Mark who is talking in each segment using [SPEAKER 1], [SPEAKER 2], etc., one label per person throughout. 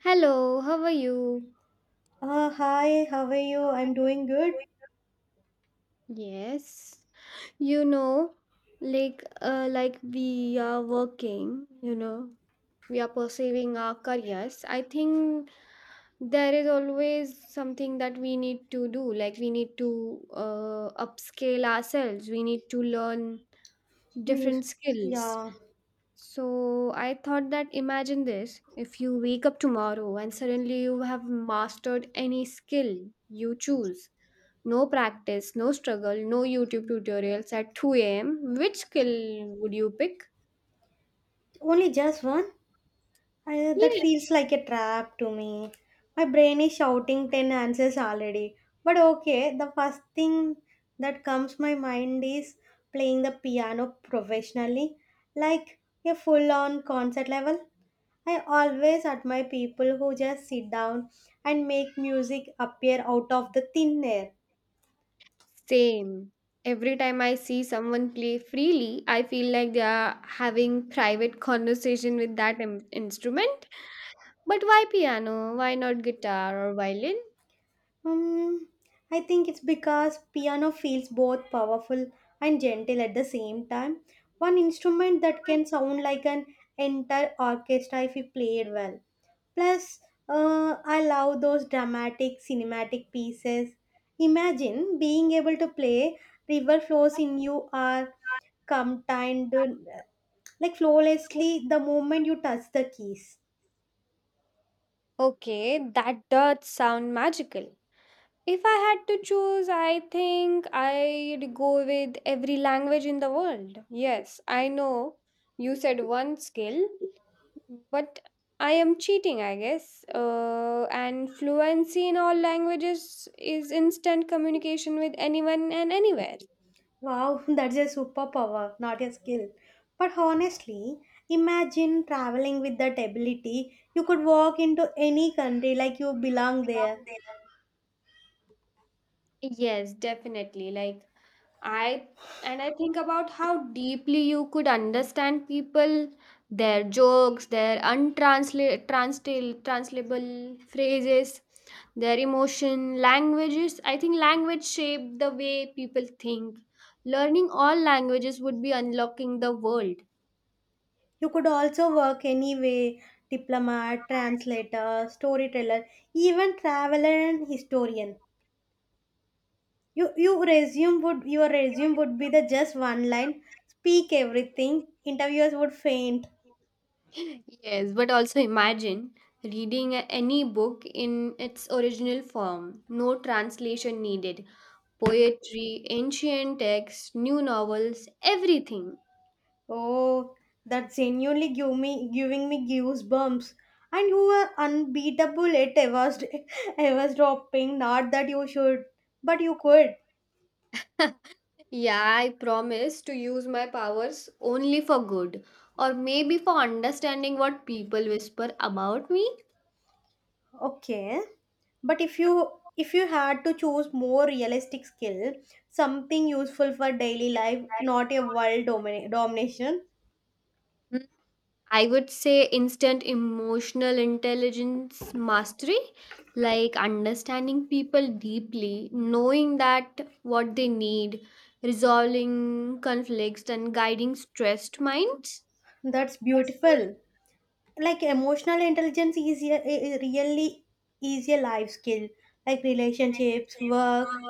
[SPEAKER 1] Hello, how are you?
[SPEAKER 2] Hi, how are you?
[SPEAKER 1] How are
[SPEAKER 2] I'm
[SPEAKER 1] you
[SPEAKER 2] doing good.
[SPEAKER 1] doing? Yes. You know, like we are working, we are pursuing our careers. I think there is always something that we need to do. Like we need to upscale ourselves. We need to learn
[SPEAKER 2] News.
[SPEAKER 1] different skills.
[SPEAKER 2] Yeah,
[SPEAKER 1] So I thought that imagine this if you wake up tomorrow and suddenly you have mastered any skill you choose. No practice, no struggle, no YouTube tutorials at 2 a.m. Which skill would you pick?
[SPEAKER 2] only just one. That
[SPEAKER 1] Yes.
[SPEAKER 2] feels like a trap to me. My brain is shouting 10 answers already. But okay, the first thing that comes my mind is playing the piano professionally, like a full-on concert level. I always admire people who just sit down and make music appear out of the thin air.
[SPEAKER 1] Same. Every time I see someone play freely, I feel like they are having private conversation with that instrument. But why piano? Why not guitar or violin?
[SPEAKER 2] Um, I think it's because piano feels both powerful and gentle at the same time. One instrument that can sound like an entire orchestra if it played well. Plus, I love those dramatic cinematic pieces. Imagine being able to play River Flows in You Are Come Time, like flawlessly the moment you touch the keys.
[SPEAKER 1] Okay, that does sound magical. If I had to choose, I think I'd go with every language in the world. Yes, I know you said one skill, but I am cheating, I guess. And fluency in all languages is instant communication with anyone and anywhere.
[SPEAKER 2] Wow, that's a superpower, not a skill. But honestly, imagine traveling with that ability. You could walk into any country like you belong there.
[SPEAKER 1] Yes, definitely. Like I and I think about how deeply you could understand people, their jokes, their untransla- translate translatable phrases, their emotion, languages. I think language shape the way people think. Learning all languages would be unlocking the world.
[SPEAKER 2] You could also work anyway diplomat, translator, storyteller, even traveler and historian. Your resume would be the just one line, speak everything, interviewers would faint.
[SPEAKER 1] Yes, but also imagine reading any book in its original form. No translation needed. Poetry, ancient texts, new novels, everything.
[SPEAKER 2] Oh, that's giving me goosebumps. And you were unbeatable at Eva's, Eva's dropping. Not that you should, but you could.
[SPEAKER 1] Yeah, I promise to use my powers only for good, or maybe for understanding what people whisper about me.
[SPEAKER 2] Okay. But if you had to choose more realistic skill, something useful for daily life, not a domination.
[SPEAKER 1] I would say instant emotional intelligence mastery, like understanding people deeply, knowing that what they need, resolving conflicts and guiding stressed minds.
[SPEAKER 2] That's
[SPEAKER 1] That's good.
[SPEAKER 2] beautiful. Like emotional intelligence is a really is a life skill, like relationships work,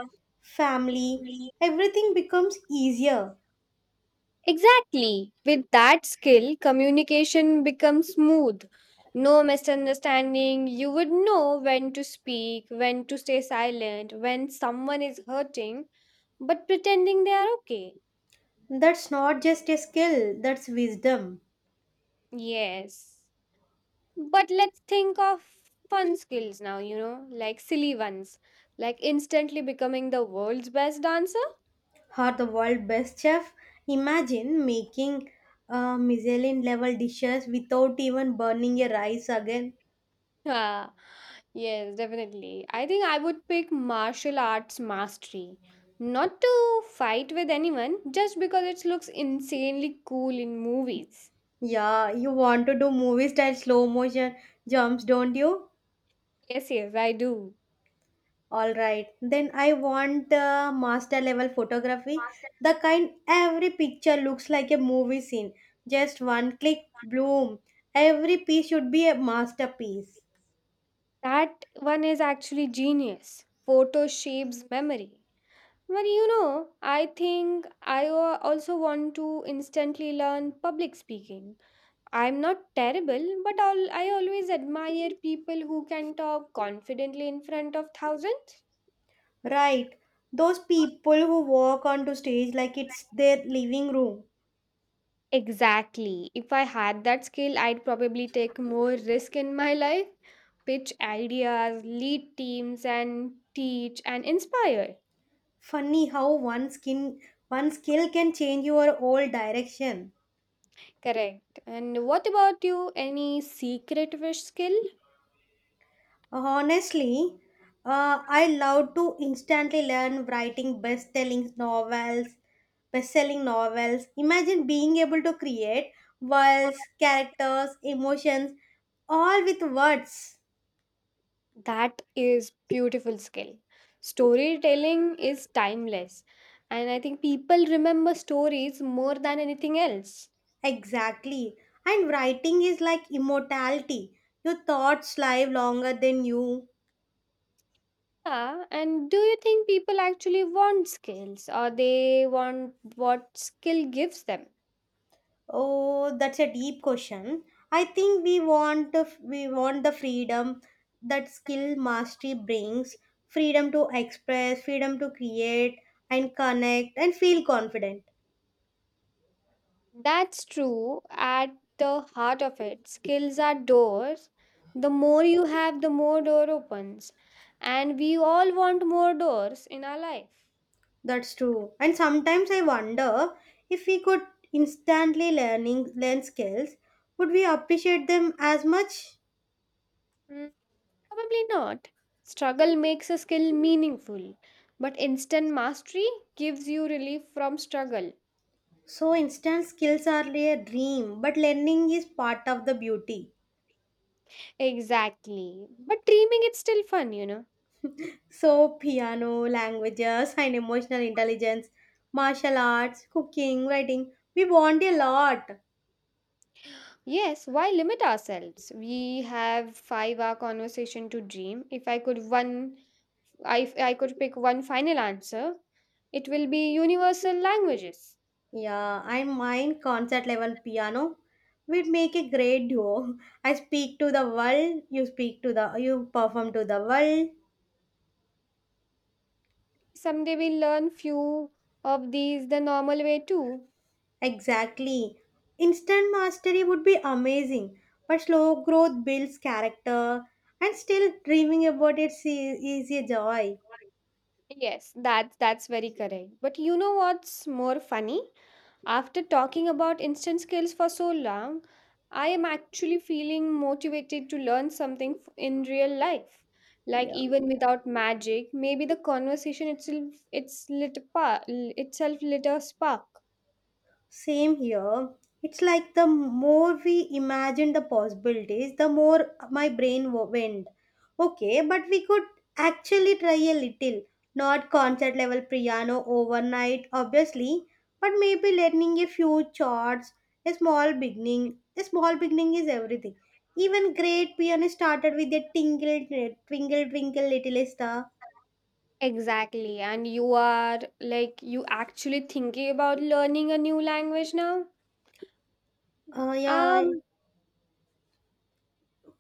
[SPEAKER 2] family, everything becomes easier.
[SPEAKER 1] Exactly. With that skill, communication becomes smooth. No misunderstanding. You would know when to speak, when to stay silent, when someone is hurting, but pretending they are okay.
[SPEAKER 2] That's not just a skill, that's wisdom.
[SPEAKER 1] Yes. But let's think of fun skills now, like silly ones, like instantly becoming the world's best dancer.
[SPEAKER 2] Or the world best chef, imagine making michelin level dishes without even burning your rice again.
[SPEAKER 1] Ah, yes, definitely. I think I would pick martial arts mastery. Not to fight with anyone, just because it looks insanely cool in movies.
[SPEAKER 2] Yeah, you want to do movie style slow motion jumps, don't you?
[SPEAKER 1] Yes, yes, I do.
[SPEAKER 2] All right. Then I want the master level photography, the kind every picture looks like a movie scene. Just one click, bloom. Every piece should be a masterpiece.
[SPEAKER 1] That one is actually genius. Photo shapes memory. But I think I also want to instantly learn public speaking. I'm not terrible, but I always admire people who can talk confidently in front of thousands.
[SPEAKER 2] Right. Those people who walk onto stage like it's their living room.
[SPEAKER 1] Exactly. If I had that skill, I'd probably take more risk in my life, pitch ideas, lead teams, and teach and inspire.
[SPEAKER 2] Funny how one skin one skill can change your whole direction.
[SPEAKER 1] Correct. And what about you? Any secret wish skill?
[SPEAKER 2] Honestly, I love to instantly learn writing best-selling novels, best-selling novels. Imagine being able to create worlds, characters, emotions, all with words.
[SPEAKER 1] That is beautiful skill. Storytelling is timeless. And I think people remember stories more than anything else.
[SPEAKER 2] Exactly. And writing is like immortality. Your thoughts live longer than you.
[SPEAKER 1] Yeah. And do you think people actually want skills or they want what skill gives them?
[SPEAKER 2] Oh, that's a deep question. I think we want the freedom that skill mastery brings, freedom to express, freedom to create and connect and feel confident.
[SPEAKER 1] That's true. At the heart of it, skills are doors. The more you have, the more door opens. And we all want more doors in our life.
[SPEAKER 2] That's true. And sometimes I wonder if we could instantly learn skills, would we appreciate them as much?
[SPEAKER 1] Mm, probably not. Struggle makes a skill meaningful, but instant mastery gives you relief from struggle.
[SPEAKER 2] So instant skills are a dream, but learning is part of the beauty.
[SPEAKER 1] Exactly. But dreaming it's still fun.
[SPEAKER 2] So, piano, languages, and emotional intelligence, martial arts, cooking, writing. We want a lot.
[SPEAKER 1] Yes, why limit ourselves? We have 5-hour conversation to dream. If I could pick one final answer, it will be universal languages.
[SPEAKER 2] Yeah, I mind concert level piano. We'd make a great duo. I speak to the world, you perform to the world.
[SPEAKER 1] Someday we'll learn few of these the normal way too.
[SPEAKER 2] Exactly. Instant mastery would be amazing, but slow growth builds character, and still dreaming about it's is a joy.
[SPEAKER 1] Yes, that's very correct. But you know what's more funny? After talking about instant skills for so long, I am actually feeling motivated to learn something in real life. Like
[SPEAKER 2] Yeah.
[SPEAKER 1] even without magic, maybe the conversation itself lit a spark.
[SPEAKER 2] Same here. It's like the more we imagine the possibilities, the more my went. Okay, but we could actually try a little. Not concert level piano overnight, obviously, but maybe learning a few chords, a small beginning. A small beginning is everything. Even great piano started with a tingle, twinkle, twinkle, little star.
[SPEAKER 1] Exactly. And you are like, you actually thinking about learning a new language now?
[SPEAKER 2] Yeah.
[SPEAKER 1] Um,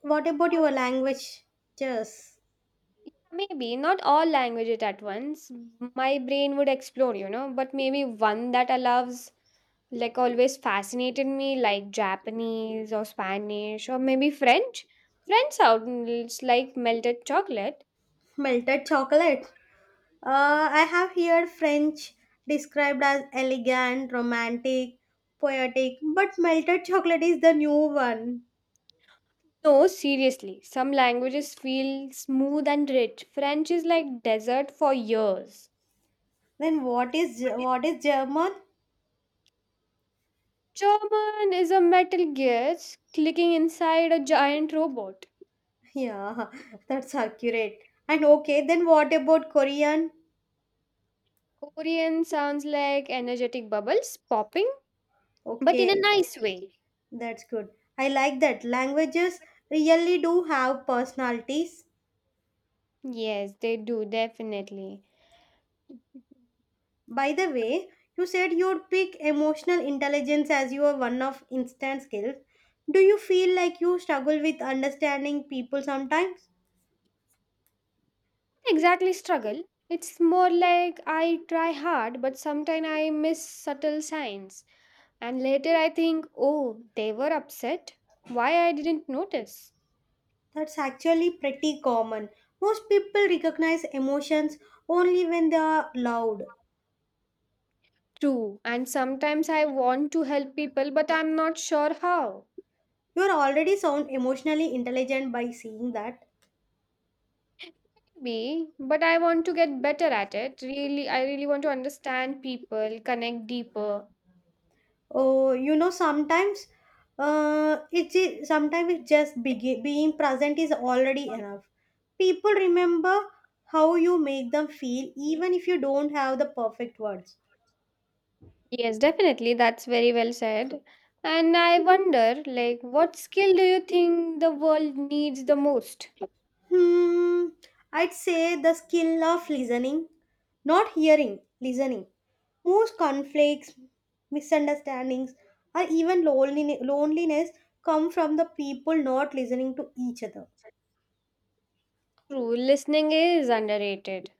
[SPEAKER 2] What about your language? Just
[SPEAKER 1] Yeah, maybe not all languages at once. My brain would explore, but maybe one that allows, like, always fascinated me, like Japanese or Spanish or maybe French. French sounds like melted chocolate.
[SPEAKER 2] melted chocolate. I have heard French described as elegant, romantic, poetic, but melted chocolate is the new one.
[SPEAKER 1] No, seriously, some languages feel smooth and rich. French is like desert for years.
[SPEAKER 2] Then what is
[SPEAKER 1] What is-
[SPEAKER 2] what is German?
[SPEAKER 1] German is a metal gears clicking inside a giant robot.
[SPEAKER 2] Yeah, that's accurate. And okay, then what about Korean?
[SPEAKER 1] Korean sounds like energetic bubbles popping, but in a
[SPEAKER 2] Okay,
[SPEAKER 1] nice way.
[SPEAKER 2] that's good. I like that. Languages really do have personalities.
[SPEAKER 1] Yes, they do, definitely.
[SPEAKER 2] By the way, you said you'd pick emotional intelligence as your one of instant skills. Do you feel like you struggle with understanding people sometimes?
[SPEAKER 1] Exactly, struggle. It's more like I try hard, but sometimes I miss subtle signs. And later I think, oh, they were upset. Why I didn't notice?
[SPEAKER 2] That's actually pretty common. Most people recognize emotions only when they are loud.
[SPEAKER 1] True. And sometimes I want to help people, but I'm not sure how.
[SPEAKER 2] You're already sound emotionally intelligent by seeing that.
[SPEAKER 1] Maybe, but I want to get better at it. Really, I really want to understand people, connect deeper.
[SPEAKER 2] Oh, you know, sometimes it's just being present is already enough. People remember how you make them feel, even if you don't have the perfect words.
[SPEAKER 1] Yes, definitely. That's very well said. And I wonder, like, what skill do you think the world needs the most?
[SPEAKER 2] Hmm, I'd say the skill of listening, not hearing, listening. Most conflicts, misunderstandings, or even loneliness come from the people not listening to each other.
[SPEAKER 1] True, listening is underrated.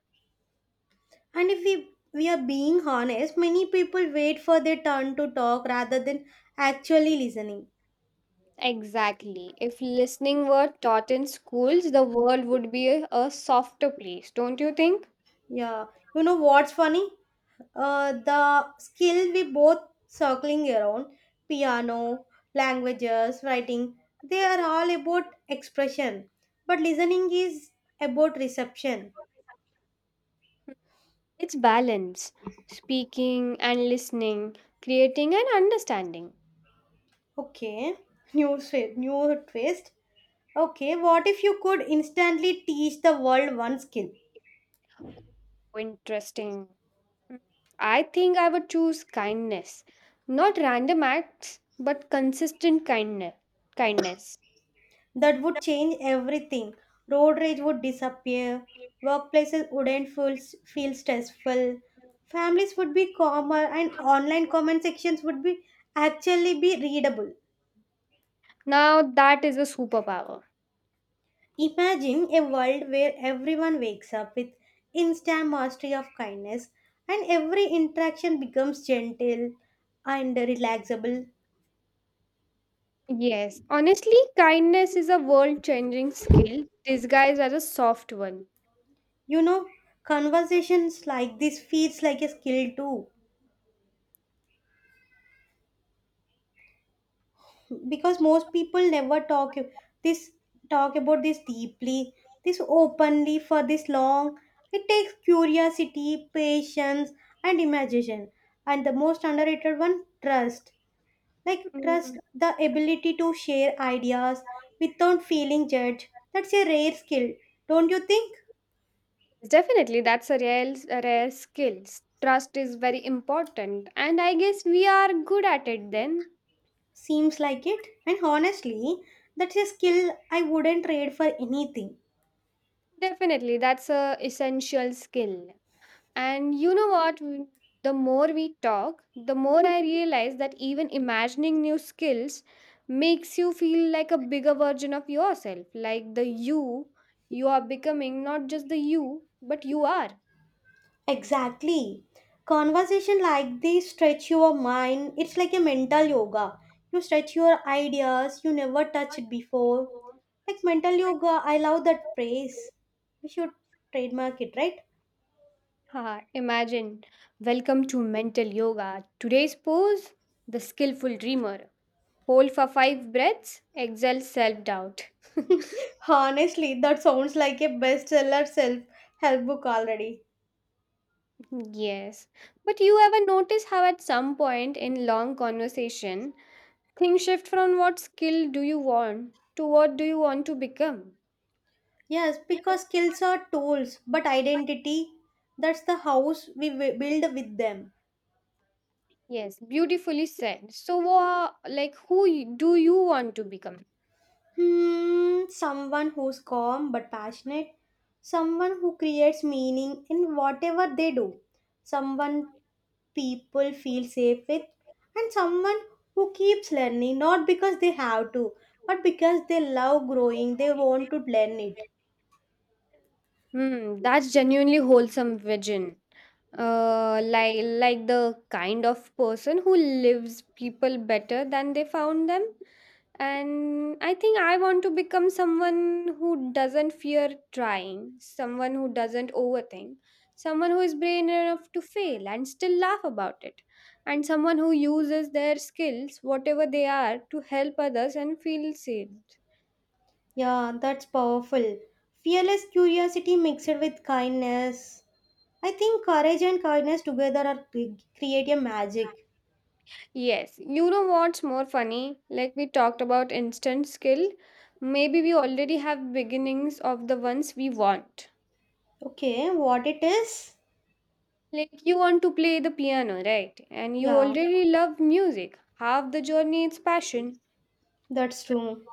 [SPEAKER 2] And if we are being honest, many people wait for their turn to talk rather than actually listening.
[SPEAKER 1] Exactly. If listening were taught in schools, the world would be a softer place, don't you think?
[SPEAKER 2] Yeah, you know what's funny? The skill we both circling around piano, languages, writing, they are all about expression, but listening is about reception.
[SPEAKER 1] It's balance, speaking and listening, creating and understanding.
[SPEAKER 2] Okay, new new twist. Okay, what if you could instantly teach the world one skill?
[SPEAKER 1] Interesting. Mm. I think I would choose kindness. Not random acts, but consistent kindness. Kindness.
[SPEAKER 2] That would change everything. Road rage would disappear. Workplaces wouldn't feel, feel stressful. Families would be calmer and online comment sections would be actually be readable.
[SPEAKER 1] Now that is a superpower.
[SPEAKER 2] Imagine a world where everyone wakes up with instant mastery of kindness and every interaction becomes gentle and relaxable.
[SPEAKER 1] Yes, honestly, kindness is a world changing skill disguised as a soft one.
[SPEAKER 2] You know, conversations like this feels like a skill too, because most people never talk this talk about this deeply, this openly, for this long. It takes curiosity, patience, and imagination, and the most underrated one, trust, like
[SPEAKER 1] Mm,
[SPEAKER 2] trust, the ability to share ideas
[SPEAKER 1] yes,
[SPEAKER 2] without feeling judged. That's a rare skill, don't you think?
[SPEAKER 1] definitely, that's a rare skill. Trust is very important, and I guess we are good at it then.
[SPEAKER 2] Seems like it, and honestly, that's a skill I wouldn't trade for anything.
[SPEAKER 1] Definitely, that's a essential skill. And you know what? The more we talk, the more I realize that even imagining new skills makes you feel like a bigger version of yourself, like the you you are becoming, not just the you, but you are.
[SPEAKER 2] Exactly. Conversation like this stretch your mind. It's like a mental yoga. You stretch your ideas you never touched before. Like mental yoga, I love that phrase. We should trademark it, right?
[SPEAKER 1] Haha, imagine. Welcome to Mental Yoga. Today's pose the skillful dreamer. Hold for five breaths, exhale self doubt.
[SPEAKER 2] Honestly, that sounds like a bestseller self help book already.
[SPEAKER 1] Yes. But you ever notice how at some point in long conversation, things shift from what skill do you want to what do you want to become.
[SPEAKER 2] Yes, because skills are tools, but identity, that's the house we build with them.
[SPEAKER 1] Yes, beautifully said. So, like, who do you want to become?
[SPEAKER 2] Hmm, someone who's calm but passionate, someone who creates meaning in whatever they do, someone people feel safe with, and someone who keeps learning not because they have to, but because they love growing, they want to learn it.
[SPEAKER 1] Hmm, that's genuinely wholesome vision. Like the kind of person who lives people better than they found them. And I think I want to become someone who doesn't fear trying, someone who doesn't overthink, someone who is brave enough to fail and still laugh about it, and someone who uses their skills, whatever they are, to help others and feel seen.
[SPEAKER 2] Yeah, that's powerful. Fearless curiosity mixed with kindness. I think courage and kindness together are create a magic.
[SPEAKER 1] Yes, you know what's more funny? Like we talked about instant skill, maybe we already have beginnings of the ones we want.
[SPEAKER 2] Okay, what it is?
[SPEAKER 1] Like you want to play the piano, right? And you
[SPEAKER 2] Yeah,
[SPEAKER 1] already love music. Half the journey is passion.
[SPEAKER 2] that's true.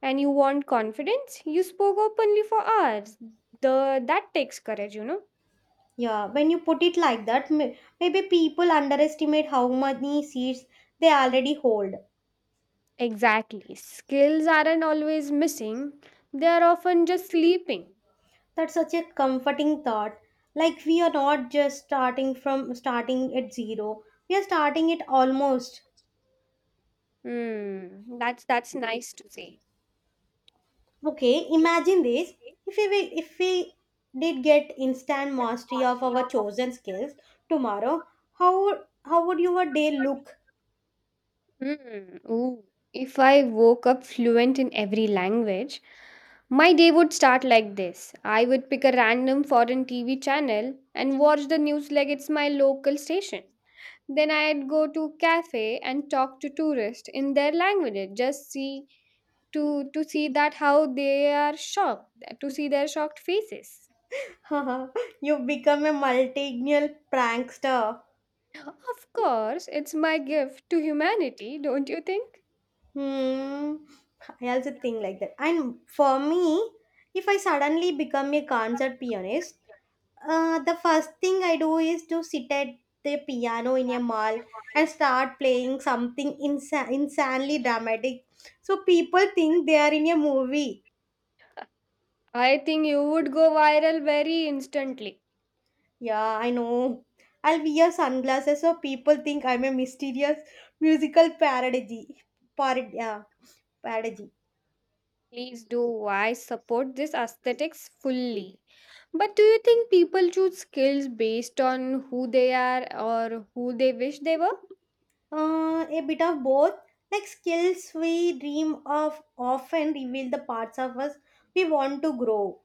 [SPEAKER 1] And you want confidence. You spoke openly for hours. The that takes courage.
[SPEAKER 2] Yeah, when you put it like that, maybe people underestimate how many seats they already hold.
[SPEAKER 1] Exactly. Skills aren't always missing. They are often just sleeping.
[SPEAKER 2] That's such a comforting thought. Like we are not just starting at zero. We are starting at almost.
[SPEAKER 1] Hmm. That's nice to say.
[SPEAKER 2] Okay, imagine this. If we did get instant mastery of our chosen skills tomorrow, how would- how would your day look?
[SPEAKER 1] Hmm. Ooh. If I woke up fluent in every language, my day would start like this. I would pick a random foreign TV channel and watch the news like it's my local station. Then I'd go to cafe and talk to tourists in their language. Just see to see that how they are shocked, to see their shocked faces.
[SPEAKER 2] You become a multilingual prankster.
[SPEAKER 1] Of course, it's my gift to humanity, don't you think?
[SPEAKER 2] Hmm. I also think like that. And for me, if I suddenly become a concert pianist, the first thing I do is to sit at the piano in a mall and start playing something insanely dramatic. So people think they are in a movie.
[SPEAKER 1] I think you would go viral very instantly.
[SPEAKER 2] Yeah, I know. I'll wear sunglasses so people think I'm a mysterious musical parody. Parody. Yeah, parody.
[SPEAKER 1] Please do. I support this aesthetics fully. But do you think people choose skills based on who they are or who they wish they were?
[SPEAKER 2] A bit of both. Like skills we dream of often reveal the parts of us we want to grow.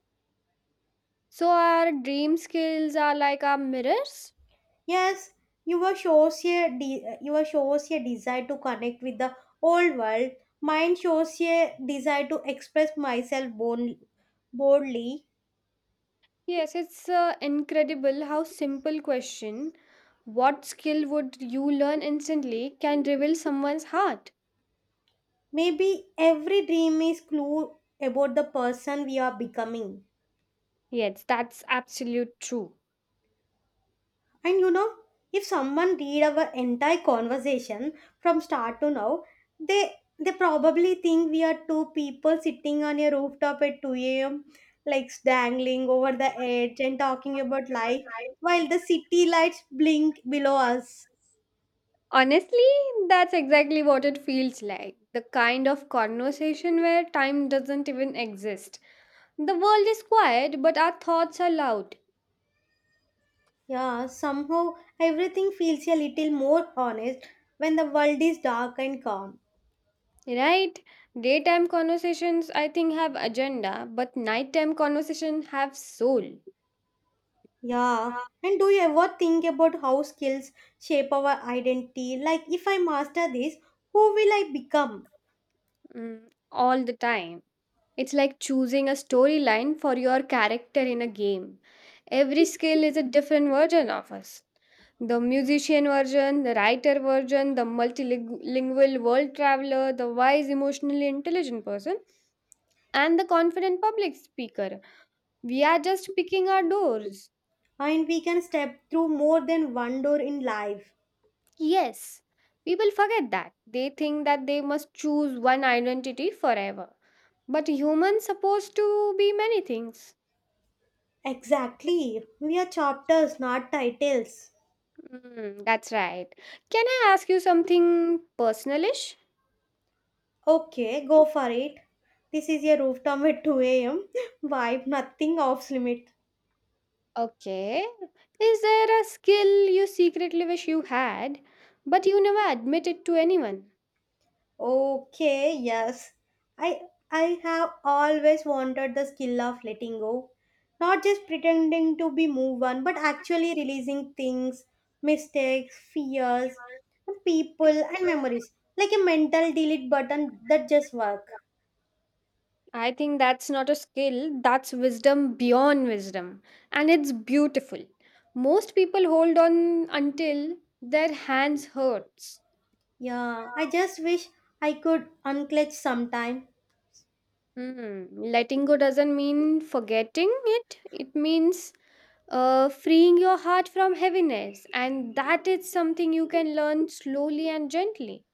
[SPEAKER 1] So our dream skills are like our mirrors?
[SPEAKER 2] Yes, you were shows a desire to connect with the old world. Mine shows a desire to express myself boldly.
[SPEAKER 1] Yes, it's incredible how simple question what skill would you learn instantly can reveal someone's heart.
[SPEAKER 2] Maybe every dream is clue about the person we are becoming.
[SPEAKER 1] Yes, that's absolute true.
[SPEAKER 2] And you know, if someone read our entire conversation from start to now, they they probably think we are two people sitting on a rooftop at 2 a.m., like dangling over the edge and talking about life while the city lights blink below us.
[SPEAKER 1] Honestly, that's exactly what it feels like. The kind of conversation where time doesn't even exist. The world is quiet, but our thoughts are loud,
[SPEAKER 2] Yeah, somehow everything feels a little more honest when the world is dark and calm.
[SPEAKER 1] right? Daytime conversations, I think, have agenda, but nighttime conversations have soul.
[SPEAKER 2] Yeah. And do you ever think about how skills shape our identity? Like, if I master this, who will I become?
[SPEAKER 1] Mm, all the time. It's like choosing a storyline for your character in a game. Every skill is a different version of us. The musician version, the writer version, the multilingual world traveler, the wise, emotionally intelligent person, and the confident public speaker. We are just picking our doors.
[SPEAKER 2] And we can step through more than one door in life.
[SPEAKER 1] Yes, people forget that. They think that they must choose one identity forever. But humans supposed to be many things.
[SPEAKER 2] Exactly. We are chapters, not titles.
[SPEAKER 1] Mm, that's right. Can I ask you something personalish?
[SPEAKER 2] Okay, go for it. This is your rooftop at 2 a.m. Vibe, nothing off limit.
[SPEAKER 1] Okay. Is there a skill you secretly wish you had, but you never admitted to anyone?
[SPEAKER 2] Okay, yes. I I have always wanted the skill of letting go. Not just pretending to be move on, but actually releasing things, mistakes, fears, and people and memories. Like a mental delete button that just work.
[SPEAKER 1] I think that's not a skill, that's wisdom beyond wisdom. And it's beautiful. Most people hold on until their hands hurts.
[SPEAKER 2] Yeah, I just wish I could unclench sometime.
[SPEAKER 1] Hmm, letting go doesn't mean forgetting it. It means freeing your heart from heaviness. And that is something you can learn slowly and gently.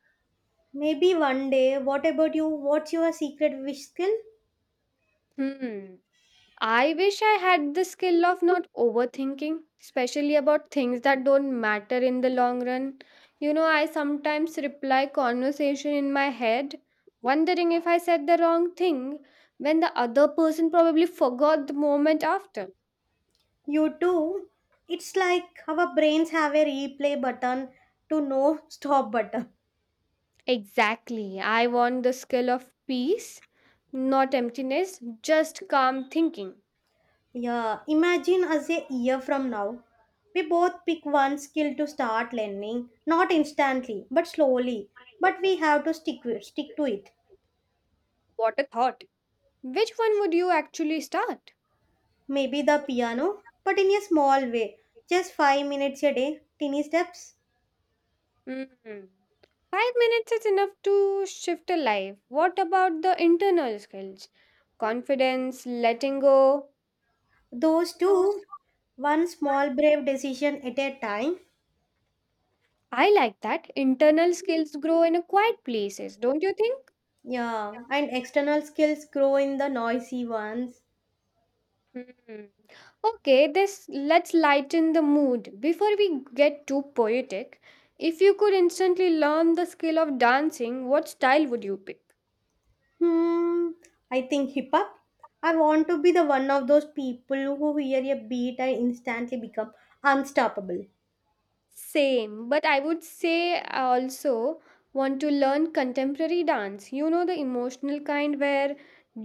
[SPEAKER 2] Maybe one day. What about you? What's your secret wish skill?
[SPEAKER 1] Hmm. I wish I had the skill of not overthinking, especially about things that don't matter in the long run. I sometimes reply conversation in my head, wondering if I said the wrong thing when the other person probably forgot the moment after.
[SPEAKER 2] You too. It's like our brains have a replay button to no stop button.
[SPEAKER 1] Exactly. I want the skill of peace, not emptiness, just calm thinking.
[SPEAKER 2] Yeah, imagine us a year from now. We both pick one skill to start learning, not instantly, but slowly. But we have to stick to it.
[SPEAKER 1] What a thought. Which one would you actually start?
[SPEAKER 2] Maybe the piano, but in a small way. Just 5 minutes a day, tiny steps.
[SPEAKER 1] Hmm. 5 minutes is enough to shift a life. What about the internal skills? Confidence, letting go.
[SPEAKER 2] Those
[SPEAKER 1] Those
[SPEAKER 2] two, one small brave decision at a time.
[SPEAKER 1] I like that. Internal skills grow in a quiet places, don't you think?
[SPEAKER 2] Yeah, and external skills grow in the noisy ones.
[SPEAKER 1] Hmm. Okay, this let's lighten the mood. Before we get too poetic, if you could instantly learn the skill of dancing, what style would you pick?
[SPEAKER 2] Hmm, I think hip hop. I want to be the one of those people who hear a beat and instantly become unstoppable.
[SPEAKER 1] Same, but I would say I also want to learn contemporary dance. The emotional kind where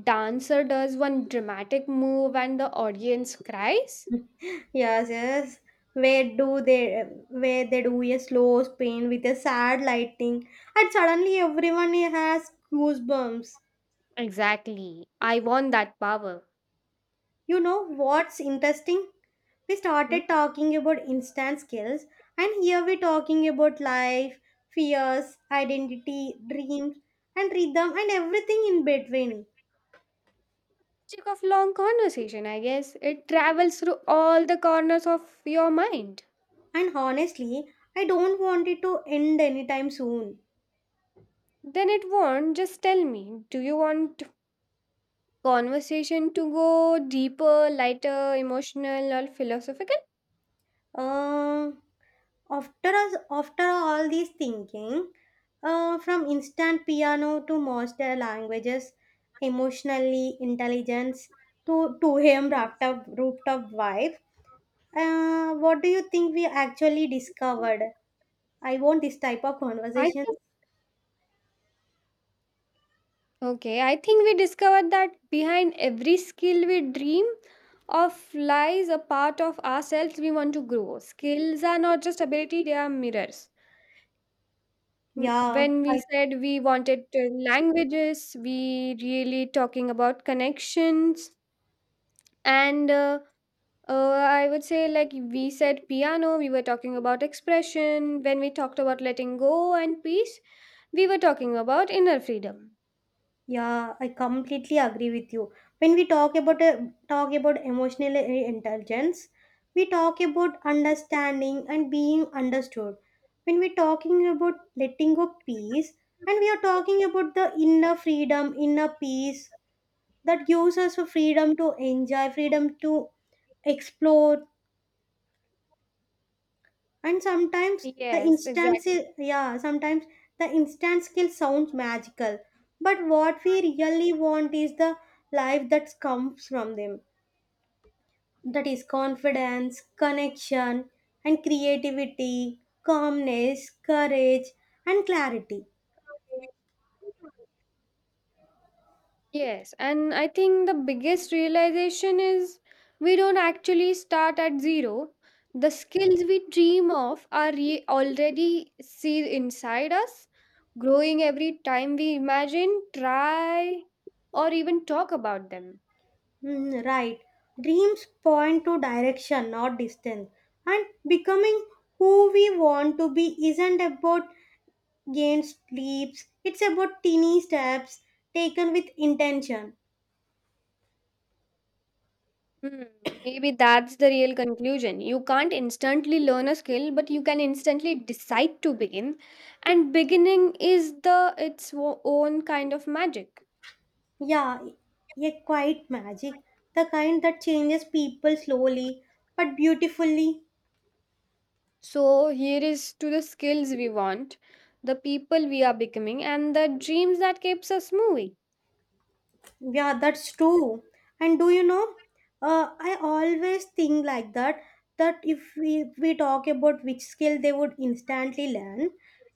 [SPEAKER 1] dancer does one dramatic move and the audience cries.
[SPEAKER 2] Yes, yes. Where they do a slow spin with a sad lighting and suddenly everyone has goosebumps.
[SPEAKER 1] Exactly. I want that power.
[SPEAKER 2] You know what's interesting? We
[SPEAKER 1] Hmm?
[SPEAKER 2] started talking about instant skills and here we're talking about life, fears, identity, dreams and rhythm and everything in between.
[SPEAKER 1] Magic of long conversation, I guess. It travels through all the corners of your mind.
[SPEAKER 2] And honestly, I don't want it to end anytime soon.
[SPEAKER 1] Then it won't just tell me, do you want conversation to go deeper, lighter, emotional, or philosophical?
[SPEAKER 2] Uh, After us, after all this thinking, from instant piano to master languages, emotionally intelligence to 2 a.m. rooftop vibe. What do you think we actually discovered? I want this type of
[SPEAKER 1] I
[SPEAKER 2] conversation.
[SPEAKER 1] think Okay, I think we discovered that behind every skill we dream of lies a part of ourselves we want to grow. Skills are not just ability, they are mirrors.
[SPEAKER 2] Yeah,
[SPEAKER 1] When we
[SPEAKER 2] I
[SPEAKER 1] said we wanted to languages, we really talking about connections. And I would say, like we said piano, we were talking about expression. When we talked about letting go and peace, we were talking about inner freedom.
[SPEAKER 2] Yeah, I completely agree with you. When we talk about emotional intelligence, we talk about understanding and being understood. When we're talking about letting go peace, and we are talking about the inner freedom, inner peace that gives us a freedom to enjoy, freedom to explore, and sometimes the
[SPEAKER 1] Yes, exactly.
[SPEAKER 2] yeah, sometimes the instant skill sounds magical, but what we really want is the life that comes from them, that is confidence, connection, and creativity, calmness, courage, and clarity.
[SPEAKER 1] Yes, and I think the biggest realization is we don't actually start at zero. The skills we dream of are already seed inside us, growing every time we imagine, try, or even talk about them.
[SPEAKER 2] Hmm, right, dreams point to direction, not distance, and becoming who we want to be isn't about gained sleeps. It's about teeny steps taken with intention.
[SPEAKER 1] Hmm, maybe that's the real conclusion. You can't instantly learn a skill, but you can instantly decide to begin, and beginning is the its own kind of magic.
[SPEAKER 2] Yeah, a quiet magic, the kind that changes people slowly but beautifully.
[SPEAKER 1] So here is to the skills we want, the people we are becoming, and the dreams that keeps us moving.
[SPEAKER 2] Yeah, that's true. And do you know, I always think like that, that if we talk about which skill they would instantly learn,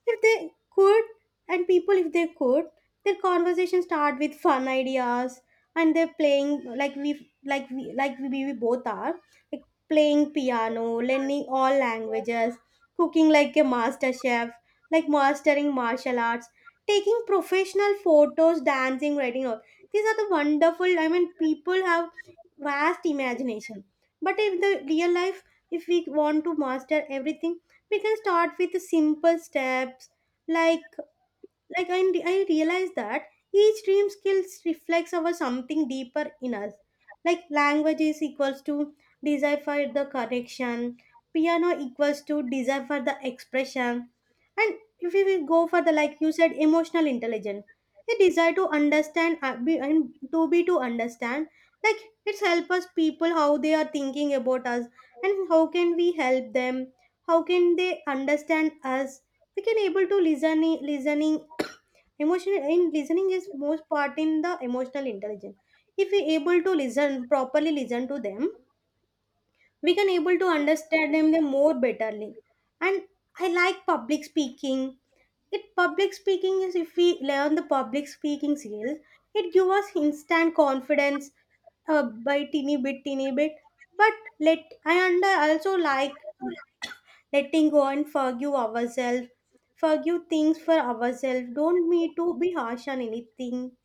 [SPEAKER 2] if they could, and people if they could, their conversation start with fun ideas, and they're playing like we both are like playing piano, learning all languages, cooking like a master chef, like mastering martial arts, taking professional photos, dancing, writing, these are the wonderful, I mean, people have vast imagination. But in the real life, if we want to master everything, we can start with simple steps, like like I, I realize that each dream skills reflects our something deeper in us, like language is equals to desire for the connection, piano equals to desire for the expression, and if we will go for the, like you said, emotional intelligence, a desire to understand be to understand, like it's help us people how they are thinking about us, and how can we help them, how can they understand us, we can able to listening, emotional in listening is most part in the emotional intelligence. If we able to listen properly, listen to them, we can able to understand them the more betterly. And I like public speaking. It public speaking is, if we learn the public speaking skills, it give us instant confidence, by teeny bit, teeny bit. But let I under also like letting go and forgive ourselves, forgive things for ourselves, don't need to be harsh on anything,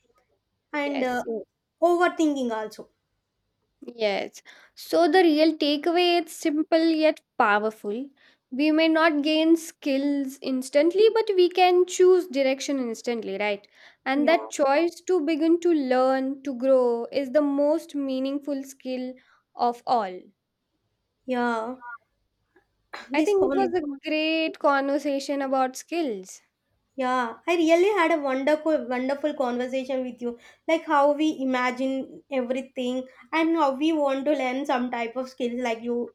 [SPEAKER 2] and
[SPEAKER 1] Yes. Mm.
[SPEAKER 2] overthinking also.
[SPEAKER 1] Yes. So the real takeaway is simple yet powerful. We may not gain skills instantly, but we can choose direction instantly, right? And
[SPEAKER 2] Yeah,
[SPEAKER 1] that choice to begin to learn, to grow, is the most meaningful skill of all.
[SPEAKER 2] yeah.
[SPEAKER 1] I
[SPEAKER 2] This
[SPEAKER 1] think it was
[SPEAKER 2] con,
[SPEAKER 1] a great conversation about skills.
[SPEAKER 2] yeah. I really had a wonderful, wonderful conversation with you. Like how we imagine everything and how we want to learn some type of skills.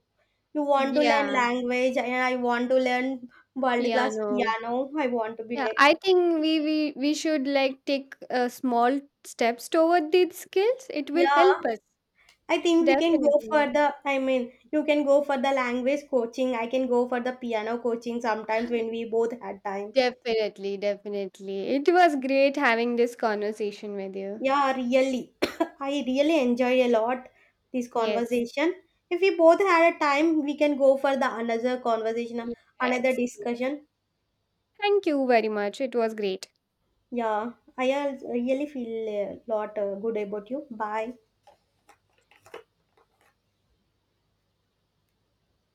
[SPEAKER 2] You want to learn
[SPEAKER 1] Yeah.
[SPEAKER 2] language, and I want to learn world class
[SPEAKER 1] Piano.
[SPEAKER 2] piano. I want to be
[SPEAKER 1] Yeah,
[SPEAKER 2] like,
[SPEAKER 1] I think we should like take small steps toward these skills. It will
[SPEAKER 2] yeah.
[SPEAKER 1] help us.
[SPEAKER 2] I think we can go
[SPEAKER 1] Definitely.
[SPEAKER 2] for the. I mean, you can go for the language coaching. I can go for the piano coaching sometimes when we both had time.
[SPEAKER 1] Definitely, definitely. It was great having this conversation with you.
[SPEAKER 2] Yeah, really. I really enjoyed a lot this
[SPEAKER 1] Yes.
[SPEAKER 2] conversation. If we both had a time, we can go for the another conversation, another
[SPEAKER 1] Yes. Yes.
[SPEAKER 2] discussion.
[SPEAKER 1] Thank you very much. It was great.
[SPEAKER 2] Yeah, really feel a lot good about you. Bye.